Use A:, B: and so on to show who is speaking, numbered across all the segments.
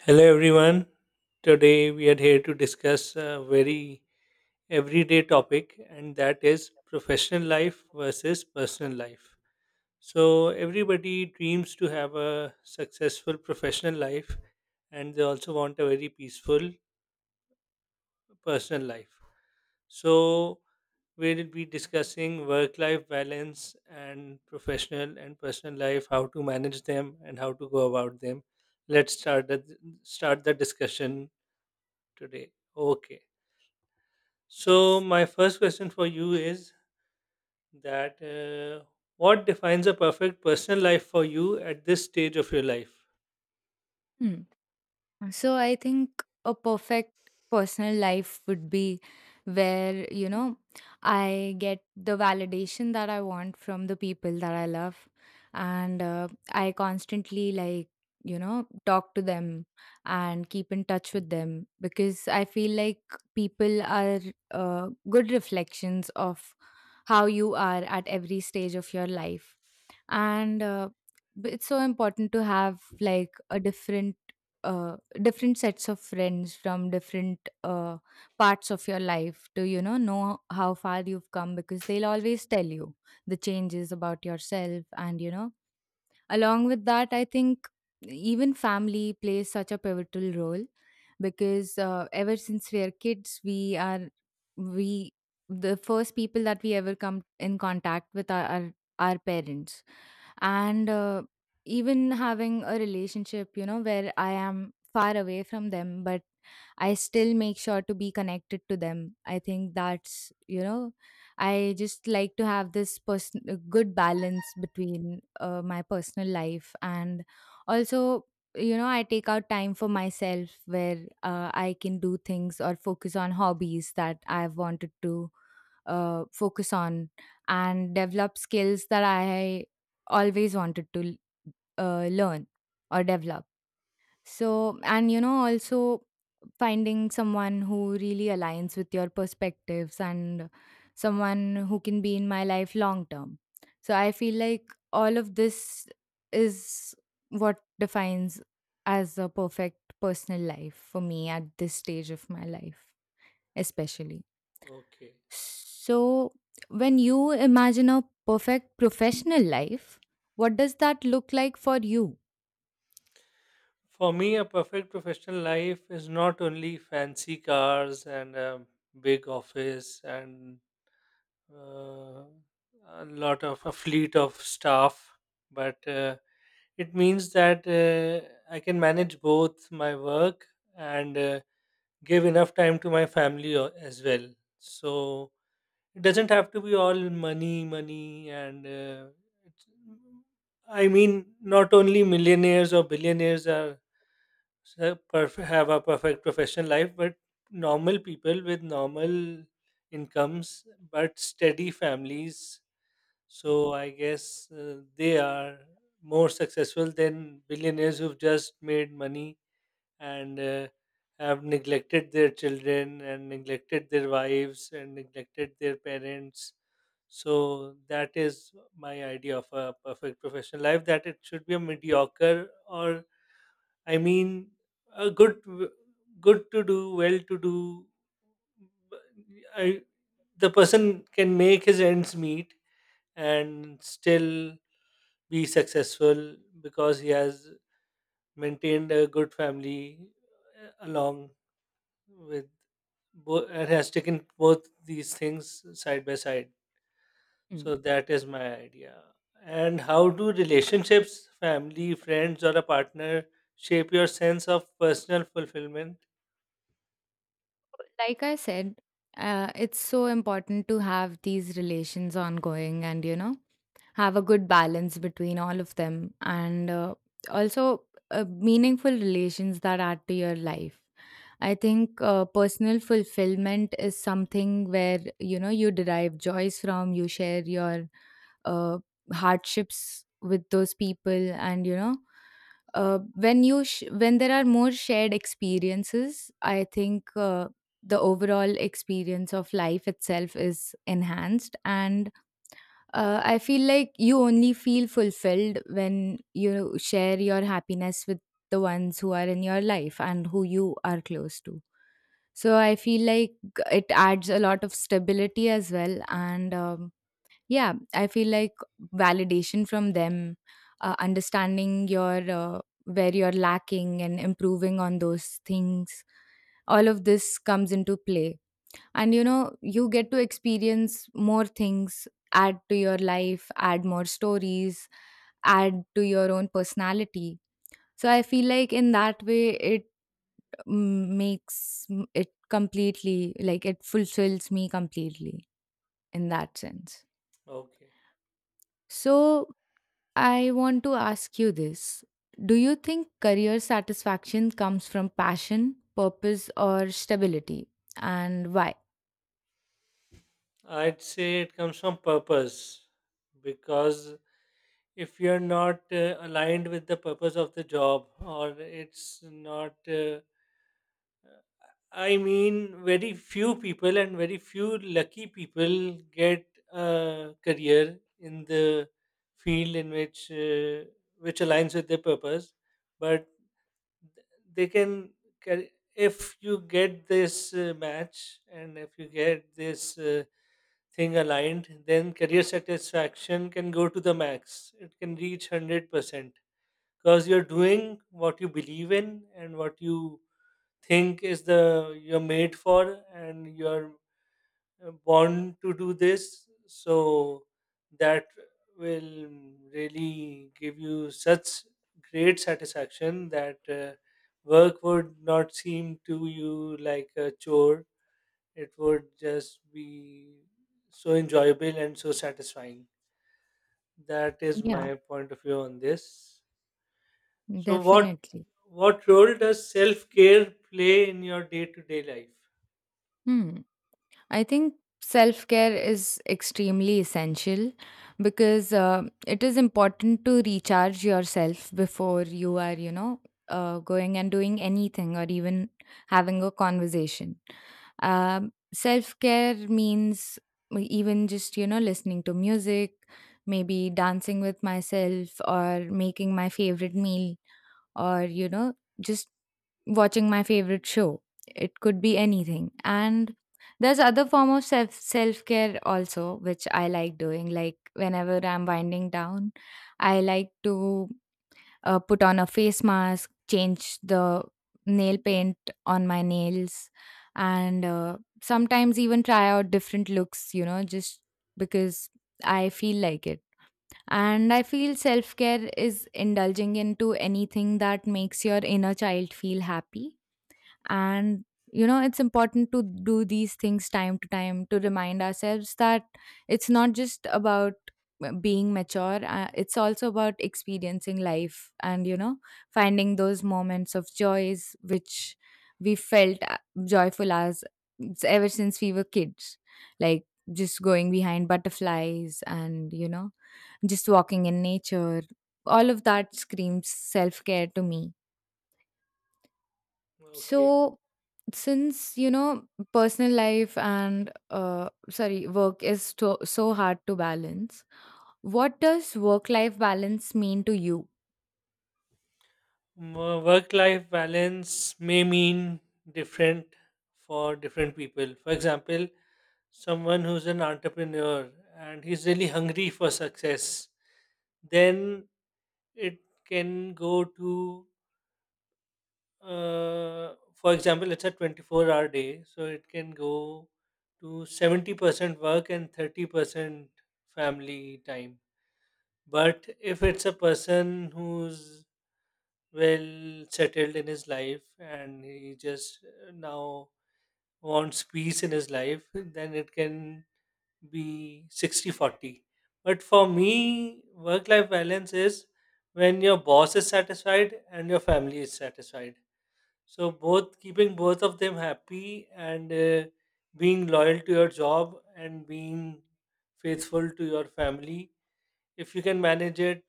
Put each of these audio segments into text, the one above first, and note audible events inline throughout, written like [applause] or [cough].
A: Hello, everyone. Today we are here to discuss a very everyday topic, and that is professional life versus personal life. So, everybody dreams to have a successful professional life, and they also want a very peaceful personal life. So, we'll be discussing work life balance and professional and personal life, how to manage them, and how to go about them. Let's start the, start the discussion today. Okay. So,
B: Yes.
A: my first question for you is that what defines a perfect personal life for you at this stage of your life?
B: Hmm. So I think a perfect personal life would be where, you know, I get the validation that I want from the people that I love. And I constantly, like, you know, talk to them and keep in touch with them because I feel like people are good reflections of how you are at every stage of your life. and uh, it's so important to have like a different sets of friends from different parts of your life to, you know how far you've come because they'll always tell you the changes about yourself, and you know. Along with that, I think even family plays such a pivotal role because ever since we are kids, we are we the first people that we ever come in contact with are our parents, and even having a relationship, you know, where I am far away from them, but I still make sure to be connected to them. I think that's, you know, I just like to have this person a good balance between my personal life, and also, you know, I take out time for myself where I can do things or focus on hobbies that I've wanted to focus on and develop skills that I always wanted to learn or develop. So, and you know, also finding someone who really aligns with your perspectives and someone who can be in my life long term. So, I feel like all of this is what defines as a perfect personal life for me at this stage of my life, especially.
A: Okay.
B: So, when you imagine a perfect professional life, what does that look like for you?
A: For me, a perfect professional life is not only fancy cars and a big office and uh, a lot of a fleet of staff, but it means that I can manage both my work and give enough time to my family as well, so it doesn't have to be all money money and it's, i mean not only millionaires or billionaires have a perfect professional life, but normal people with normal incomes but steady families. So I guess they are more successful than billionaires who've just made money and have neglected their children and neglected their wives and neglected their parents. So that is my idea of a perfect professional life. That it should be a mediocre, or I mean, a good to do, well to do. I, the person can make his ends meet and still be successful because he has maintained a good family along with both and has taken both these things side by side. So that is my idea. And how do relationships, family, friends or a partner shape your sense of personal fulfillment?
B: Like I said, it's so important to have these relations ongoing and, you know, have a good balance between all of them, and also meaningful relations that add to your life. I think personal fulfillment is something where, you know, you derive joys from, you share your uh, hardships with those people, and you know when there are more shared experiences, I think the overall experience of life itself is enhanced, and I feel like you only feel fulfilled when you share your happiness with the ones who are in your life and who you are close to. So I feel like it adds a lot of stability as well. And yeah, I feel like validation from them, understanding your where you're lacking and improving on those things, all of this comes into play, and you know, you get to experience more things, add to your life, add more stories, add to your own personality. So I feel like in that way it it completely, like, it fulfills me completely in that sense.
A: Okay,
B: So I want to ask you this: do you think career satisfaction comes from passion, purpose, or stability, and why?
A: I'd say it comes from purpose, because if you're not aligned with the purpose of the job, or it's not I mean, very few people and very few lucky people get a career in the field in which aligns with their purpose. But th- they can, if you get this match and if you get this thing aligned, then career satisfaction can go to the max. It can reach 100% because you're doing what you believe in and what you think is the you're made for and you're born to do this, so that will really give you such great satisfaction that work would not seem to you like a chore. It would just be so enjoyable and so satisfying. That is
B: Yeah,
A: my point of view on this. So
B: definitely.
A: what role does self care play in your day to day life?
B: Hmm. I think self care is extremely essential because it is important to recharge yourself before you are, you know, going and doing anything or even having a conversation. Self care means even just, you know, listening to music, maybe dancing with myself or making my favorite meal or, you know, just watching my favorite show. It could be anything. And there's other form of self care also, which I like doing. Like whenever I'm winding down, I like to put on a face mask, change the nail paint on my nails, and sometimes even try out different looks. You know, just because I feel like it. And I feel self care is indulging into anything that makes your inner child feel happy, and you know, it's important to do these things time to time to remind ourselves that it's not just about being mature. It's also about experiencing life and, you know, finding those moments of joys which we felt joyful as ever since we were kids, like just going behind butterflies and, you know, just walking in nature. All of that screams self care to me.
A: Okay,
B: So, since you know, personal life and sorry work is so hard to balance, what does work life balance mean to you?
A: work life balance may mean different for different people. For example, someone who's an entrepreneur and he's really hungry for success, then it can go to, for example, it's a 24-hour day, so it can go to 70% work and 30% family time. But if it's a person who's well settled in his life and he just now wants peace in his life, then it can be 60-40. But for me, work life balance is when your boss is satisfied and your family is satisfied, so both keeping both of them happy and being loyal to your job and being faithful to your family. If you can manage it,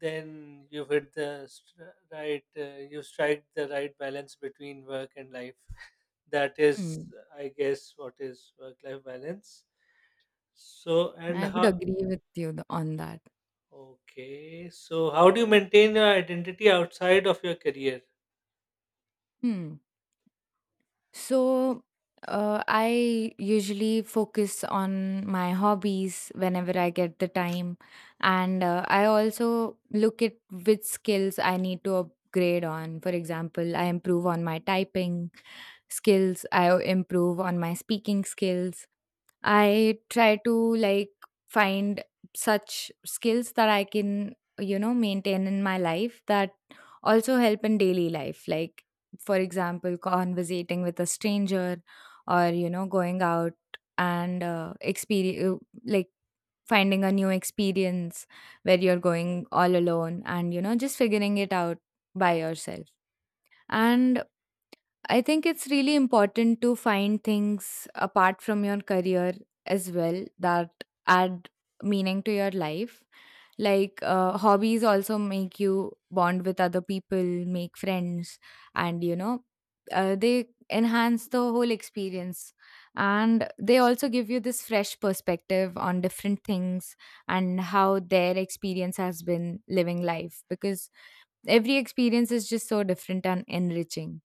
A: then you've hit the str right, you've strike the right balance between work and life. [laughs] That is,
B: Hmm.
A: I guess, what is work-life balance. So, and
B: I would
A: how,
B: agree with you on that.
A: okay, so how do you maintain your identity outside of your career?
B: Hmm. So, I usually focus on my hobbies whenever I get the time. And I also look at which skills I need to upgrade on. For example, I improve on my typing skills, I improve on my speaking skills. I try to like find such skills that I can, you know, maintain in my life that also help in daily life. Like, for example, conversating with a stranger or, you know, going out and experience, like, finding a new experience where you're going all alone and, you know, just figuring it out by yourself. And I think it's really important to find things apart from your career as well that add meaning to your life. Like hobbies also make you bond with other people, make friends, and you know, they enhance the whole experience. And they also give you this fresh perspective on different things and how their experience has been living life, because every experience is just so different and enriching.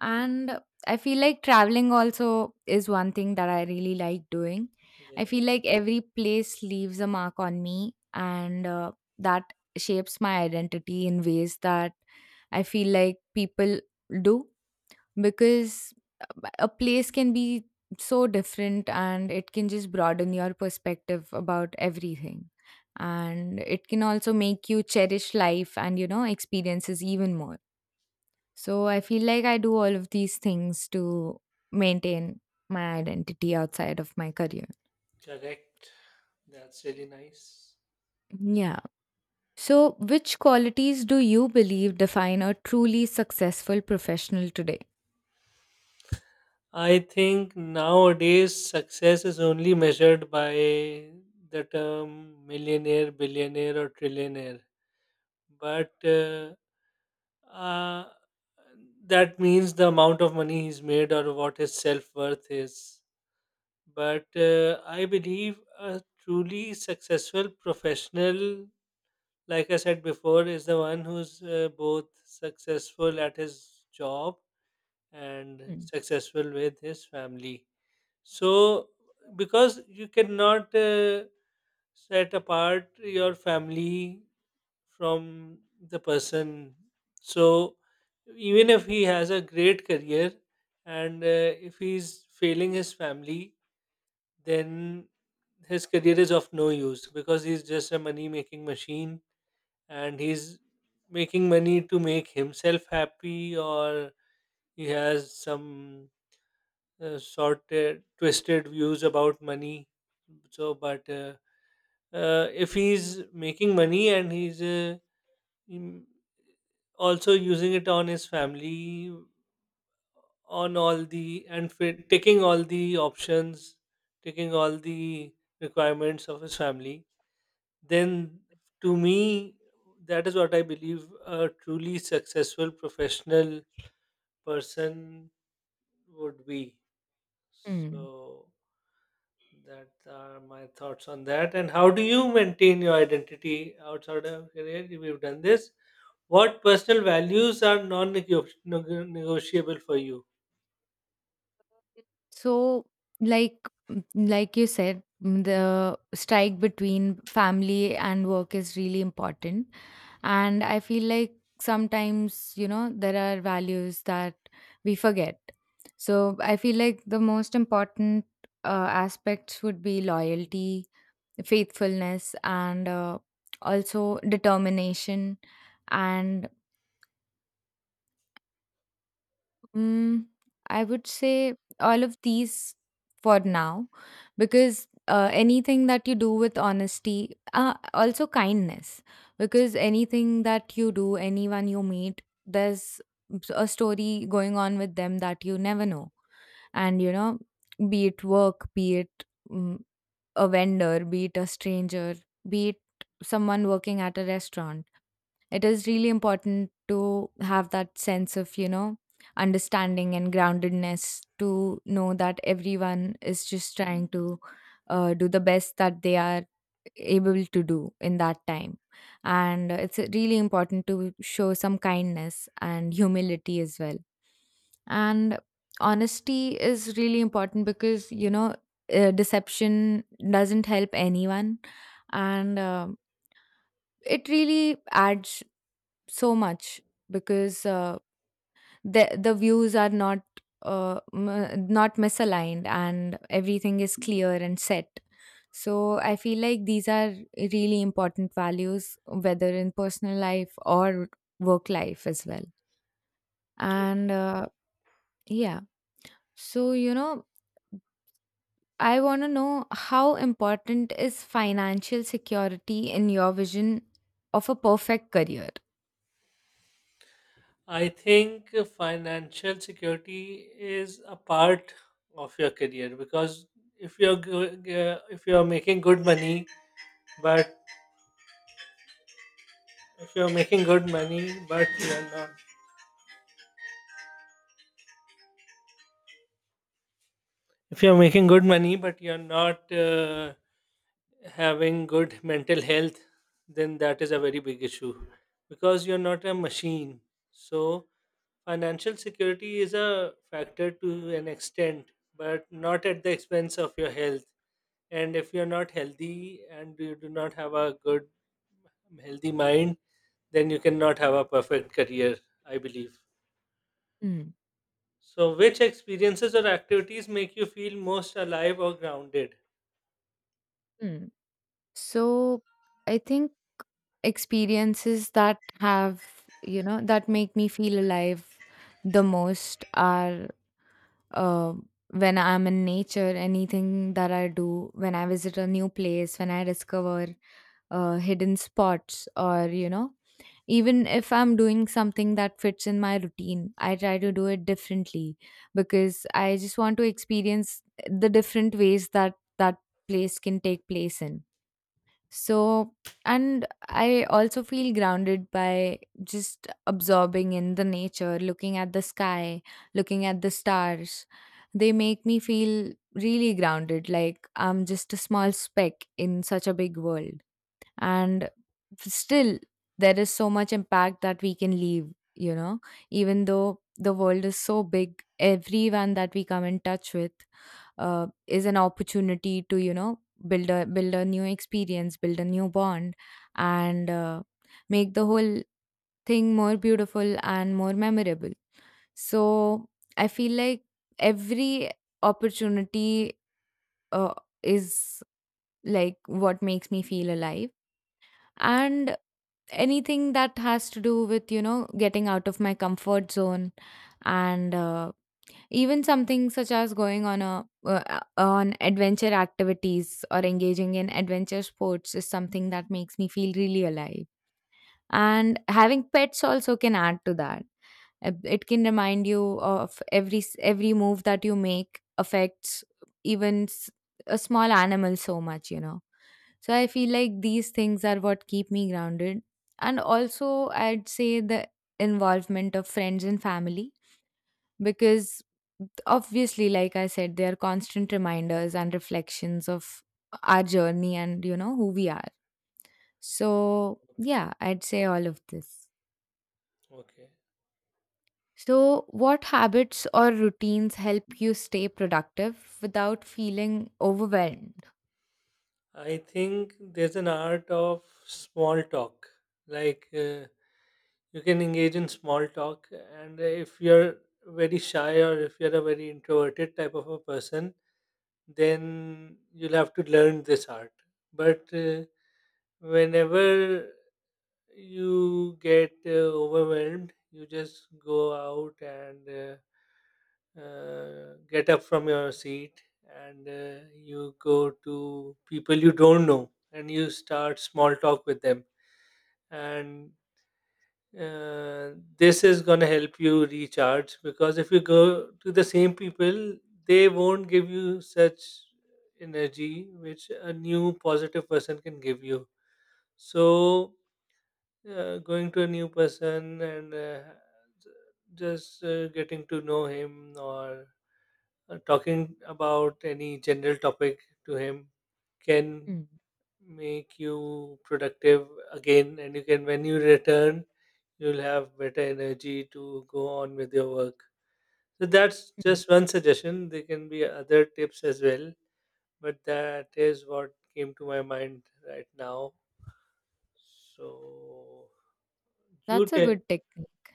B: And I feel like traveling also is one thing that I really like doing. I
A: Yeah,
B: feel like every place leaves a mark on me, and that shapes my identity in ways that I feel like people do, because a place can be so different and it can just broaden your perspective about everything, and it can also make you cherish life and, you know, experiences even more. So I feel like I do all of these things to maintain my identity outside of my career.
A: correct. That's really nice.
B: Yeah. So which qualities do you believe define a truly successful professional today?
A: I think nowadays success is only measured by the term millionaire, billionaire, or trillionaire. But uh, that means the amount of money he's made or what his self worth is. But I believe a truly successful professional, like I said before, is the one who's both successful at his job and
B: Hmm.
A: successful with his family. So, because you cannot set apart your family from the person. So even if he has a great career and if he's failing his family, then his career is of no use, because he's just a money making machine and he's making money to make himself happy, or he has some sorted twisted views about money. But if he's making money and he's mm, also using it on his family, on all the and fit, taking all the options, taking all the requirements of his family, then to me that is what I believe a truly successful professional person would be. So
B: Hmm.
A: that are my thoughts on that. And how do you maintain your identity outside of career? We've done this. What personal values are non negotiable for you?
B: So, like like you said, the strike between family and work is really important. And I feel like sometimes, you know, there are values that we forget. So, I feel like the most important uh, aspects would be loyalty, faithfulness, and also determination, and Mm, I would say all of these for now, because anything that you do with honesty, also kindness, because anything that you do, anyone you meet, there's a story going on with them that you never know. And, you know, be it work, be it a vendor, be it a stranger, be it someone working at a restaurant, it is really important to have that sense of, you know, understanding and groundedness to know that everyone is just trying to do the best that they are able to do in that time. And it's really important to show some kindness and humility as well. And honesty is really important because, you know, deception doesn't help anyone, and it really adds so much because the views are not not misaligned, and everything is clear and set. So I feel like these are really important values whether in personal life or work life as well. And yeah. So, you know, I want to know how important is financial security in your vision of a perfect career?
A: I think financial security is a part of your career, because if you're making good money, but if you're making good money, but you're not if you're making good money, but you're not having good mental health, then that is a very big issue, because you're not a machine. So financial security is a factor to an extent, but not at the expense of your health. And if you're not healthy and you do not have a good, healthy mind, then you cannot have a perfect career, I believe.
B: Hmm.
A: So, which experiences or activities make you feel most alive or grounded?
B: Hmm. So I think experiences that have, you know, that make me feel alive the most are uh, when I'm in nature, anything that I do, when I visit a new place, when I discover hidden spots, or you know, even if I'm doing something that fits in my routine I try to do it differently because I just want to experience the different ways that that place can take place in. So, and I also feel grounded by just absorbing in the nature, looking at the sky, looking at the stars. They make me feel really grounded, like I'm just a small speck in such a big world. And still, there is so much impact that we can leave, you know, even though the world is so big, everyone that we come in touch with is an opportunity to, you know, build a new experience, build a new bond, and make the whole thing more beautiful and more memorable. So I feel like every opportunity uh, is like what makes me feel alive. And anything that has to do with, you know, getting out of my comfort zone, and even something such as going on a on adventure activities or engaging in adventure sports is something that makes me feel really alive. And having pets also can add to that. It can remind you of every every move that you make affects even a small animal so much, you know. So I feel like these things are what keep me grounded. And also, I'd say the involvement of friends and family because obviously, like I said, they are constant reminders and reflections of our journey and, who we are. So,
A: Okay.
B: yeah, I'd say all of this.
A: Okay.
B: So, what habits or routines help you stay productive without feeling overwhelmed?
A: I think there's an art of small talk. Like, uh, you can engage in small talk, and if you're very shy or if you're a very introverted type of a person, then you'll have to learn this art. But whenever you get overwhelmed, you just go out and get up from your seat and you go to people you don't know and you start small talk with them. And this is going to help you recharge, because if you go to the same people, they won't give you such energy which a new positive person can give you. So, going to a new person and just getting to know him or talking about any general topic to him can
B: Mm,
A: make you productive again, and you can when you return, you'll have better energy to go on with your work. So that's
B: mm.
A: just one suggestion. There can be other tips as well, but that is what came to my mind right now. So you
B: That's a
A: tell.
B: good technique.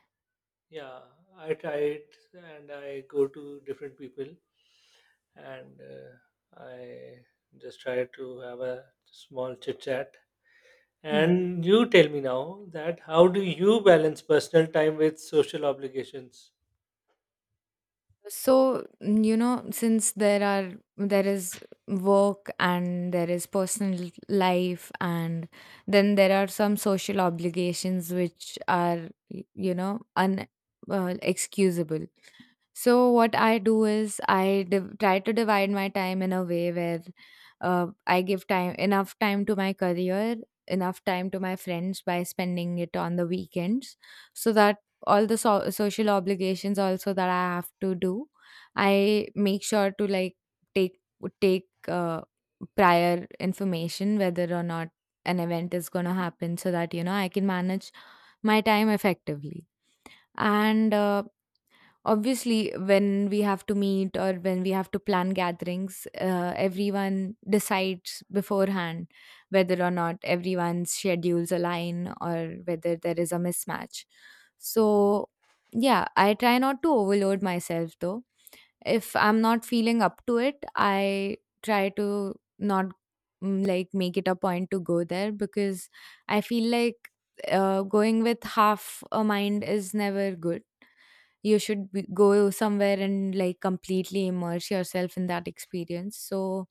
A: Yeah, I try it and I go to different people and I just try to have a small chit chat.
B: Hmm.
A: And you tell me now that how do you balance personal time with social obligations?
B: So, since there is work and there is personal life and then there are some social obligations which are un excusable. So what I do is try to divide my time in a way where I give time enough time to my career, enough time to my friends by spending it on the weekends, so that all the social obligations also that I have to do, I make sure to like take take prior information whether or not an event is going to happen, so that I can manage my time effectively and obviously, when we have to meet or when we have to plan gatherings, everyone decides beforehand whether or not everyone's schedules align or whether there is a mismatch. So, yeah, I try not to overload myself though. If I'm not feeling up to it, I try to not make it a point to go there because I feel like going with half a mind is never good. You should go somewhere and like completely immerse yourself in that experience, so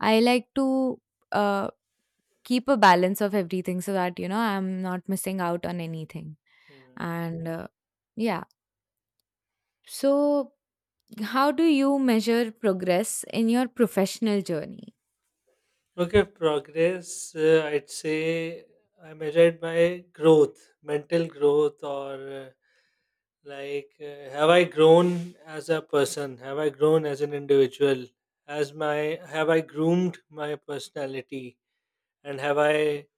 B: I like to uh, keep a balance of everything so that I'm not missing out on anything.
A: Hmm.
B: And yeah, so how do you measure progress in your professional journey?
A: Okay, progress, I'd say I measure it by growth, mental growth, or have I grown as a person? Have I grown as an individual? Has my Have I groomed my personality? And have I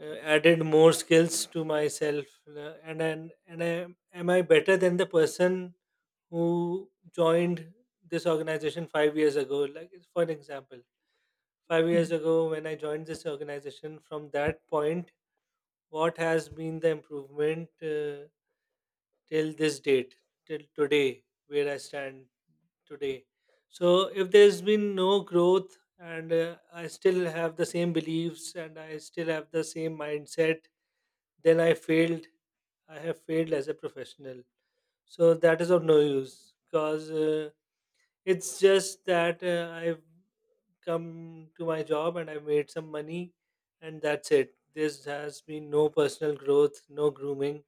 A: added more skills to myself? And I, am I better than the person who joined this organization 5 years ago? Like, for an example, 5 years
B: Hmm.
A: ago, when I joined this organization, from that point, what has been the improvement till this date, till today, where I stand today? So, if there's been no growth, and I still have the same beliefs and I still have the same mindset, then I failed. I have failed as a professional. So that is of no use, because it's just that I've come to my job and I've made some money, and that's it. This has been no personal growth, no grooming.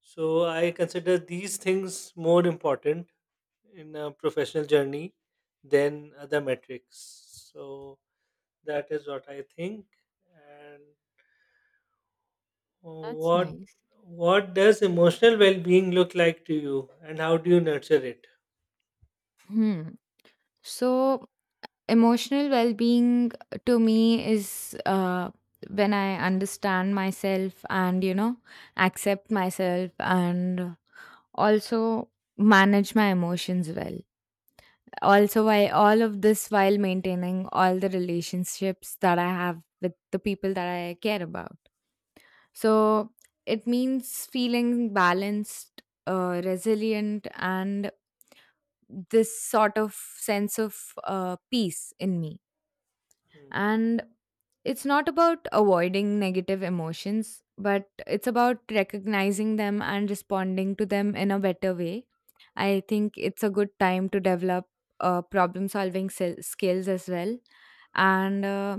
A: So I consider these things more important in a professional journey than other metrics. So that is what I think. And
B: That's
A: what
B: nice.
A: what does emotional well-being look like to you, and how do you nurture it?
B: Hmm. So emotional well being to me is when I understand myself and, accept myself and also manage my emotions well. Also, I all of this while maintaining all the relationships that I have with the people that I care about. So it means feeling balanced, resilient, and this sort of sense of peace in me.
A: Hmm.
B: And it's not about avoiding negative emotions, but it's about recognizing them and responding to them in a better way. I think it's a good time to develop problem solving skills as well. And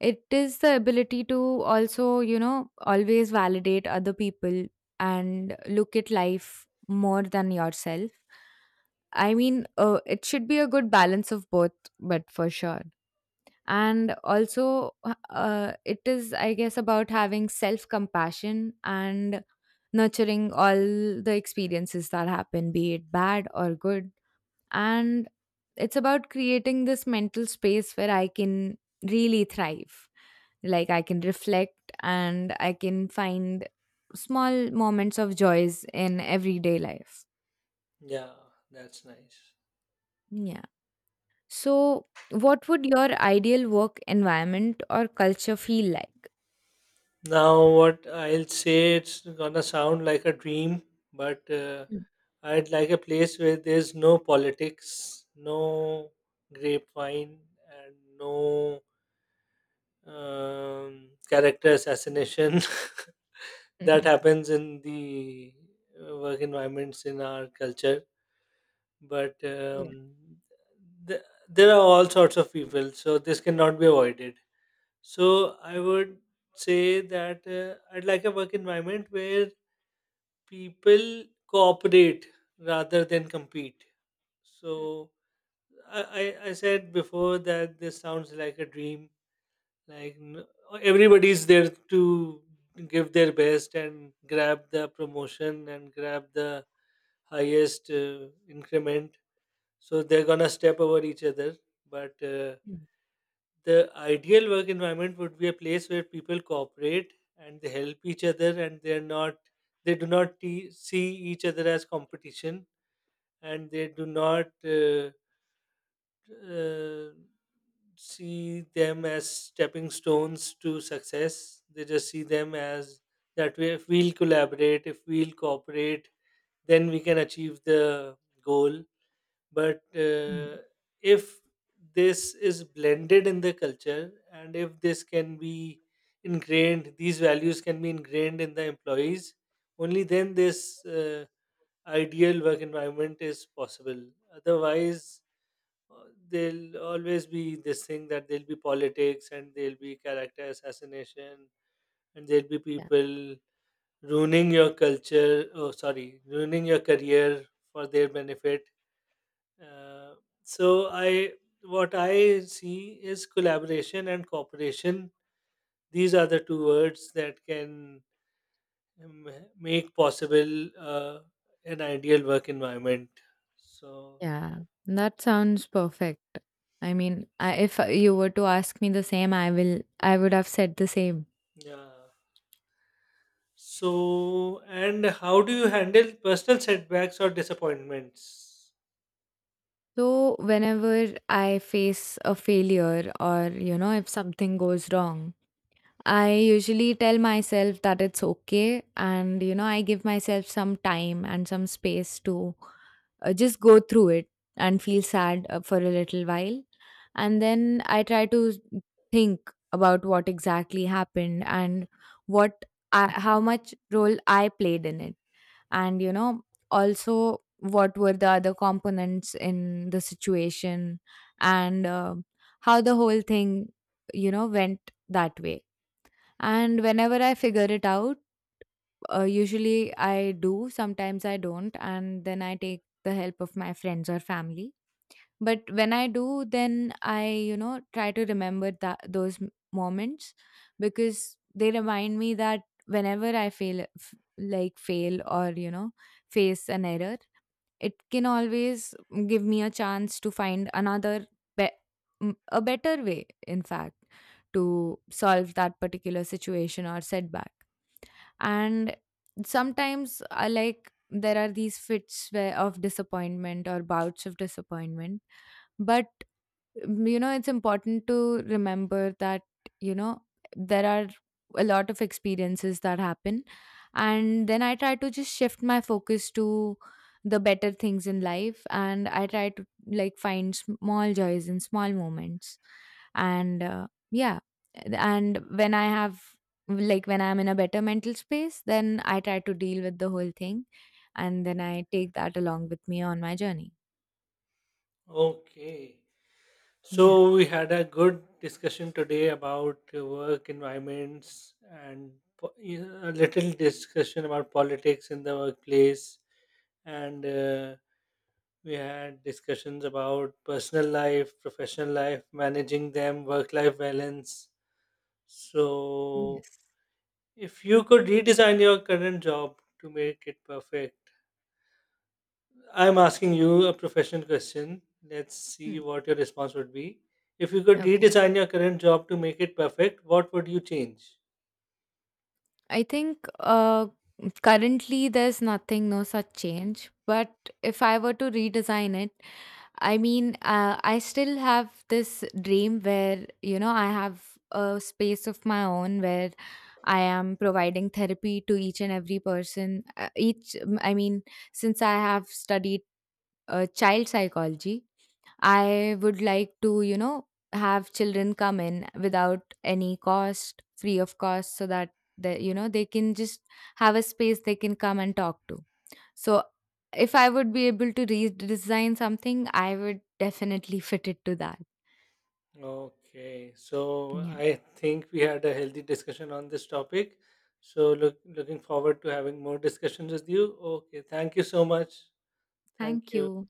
B: it is the ability to also, always validate other people and look at life more than yourself. I mean, it should be a good balance of both, but for sure. And also it is, I guess, about having self compassion and nurturing all the experiences that happen, be it bad or good. And it's about creating this mental space where I can really thrive, like I can reflect and I can find small moments of joys in everyday life.
A: Yeah, that's nice.
B: Yeah, so what would your ideal work environment or culture feel like?
A: Now, what I'll say, it's gonna sound like a dream, but I'd like a place where there's no politics, no grapevine, and no character assassination [laughs] that happens in the work environments in our culture. But
B: [laughs] Yeah.
A: um, th- there are all sorts of people, so this cannot be avoided. So, I would say that I'd like a work environment where people cooperate rather than compete. So I said before that this sounds like a dream. Like n- Everybody's there to give their best and grab the promotion and grab the highest increment. So they're gonna step over each other. But
B: Mm,
A: the ideal work environment would be a place where people cooperate and they help each other and they do not see each other as competition, and they do not uh, see them as stepping stones to success. They just see them as that way if we'll collaborate, if we'll cooperate, then we can achieve the goal. But
B: mm.
A: if this is blended in the culture, and if this can be ingrained, these values can be ingrained in the employees, only then this ideal work environment is possible. Otherwise uh, there'll always be this thing that there'll be politics and there'll be character assassination and there'll be people ruining your culture, oh sorry, ruining your career for their benefit. uh, so I what I see is collaboration and cooperation. These are the two words that can um, make possible an ideal work environment. So
B: Yeah, that sounds perfect. I mean, if you were to ask me the same, I would have said the same.
A: yeah. So and how do you handle personal setbacks or disappointments?
B: So whenever I face a failure or you know if something goes wrong, I usually tell myself that it's okay and I give myself some time and some space to just go through it and feel sad for a little while, and then I try to think about what exactly happened and what how much role I played in it. And also what were the other components in the situation and how the whole thing went that way. And whenever I figure it out, usually I do, sometimes I don't, and then I take the help of my friends or family. But when I do, then try to remember that those moments, because they remind me that whenever I fail, like fail or, face an error, it can always give me a chance to find be- a better way, in fact, to solve that particular situation or setback. And sometimes there are these fits where of disappointment or bouts of disappointment, but it's important to remember that, you know, there are a lot of experiences that happen. And then I try to just shift my focus to the better things in life. And I try to like find small joys in small moments. And yeah. And when I have, like, when I'm in a better mental space, then I try to deal with the whole thing. And then I take that along with me on my journey.
A: Okay.
B: Yeah.
A: So we had a good discussion today about work environments and, po- you know, a little discussion about politics in the workplace, and we had discussions about personal life, professional life, managing them, work-life balance. So,
B: Yes.
A: if you could redesign your current job to make it perfect, I'm asking you a professional question. Let's see
B: Hmm.
A: what your response would be. If you could
B: Okay.
A: redesign your current job to make it perfect, what would you change?
B: I think currently there's nothing, no such change. But if I were to redesign it, I mean, I still have this dream where, I have a space of my own where I am providing therapy to each and every person. I mean, since I have studied child psychology, I would like to, have children come in without any cost, free of cost, so that they, they can just have a space they can come and talk to. So if I would be able to redesign something, I would definitely [laughs] fit it to that.
A: Okay, so
B: Yeah.
A: I think we had a healthy discussion on this topic. So look, looking forward to having more discussions with you. Okay, thank you so much. Thank
B: Thank
A: you.
B: you.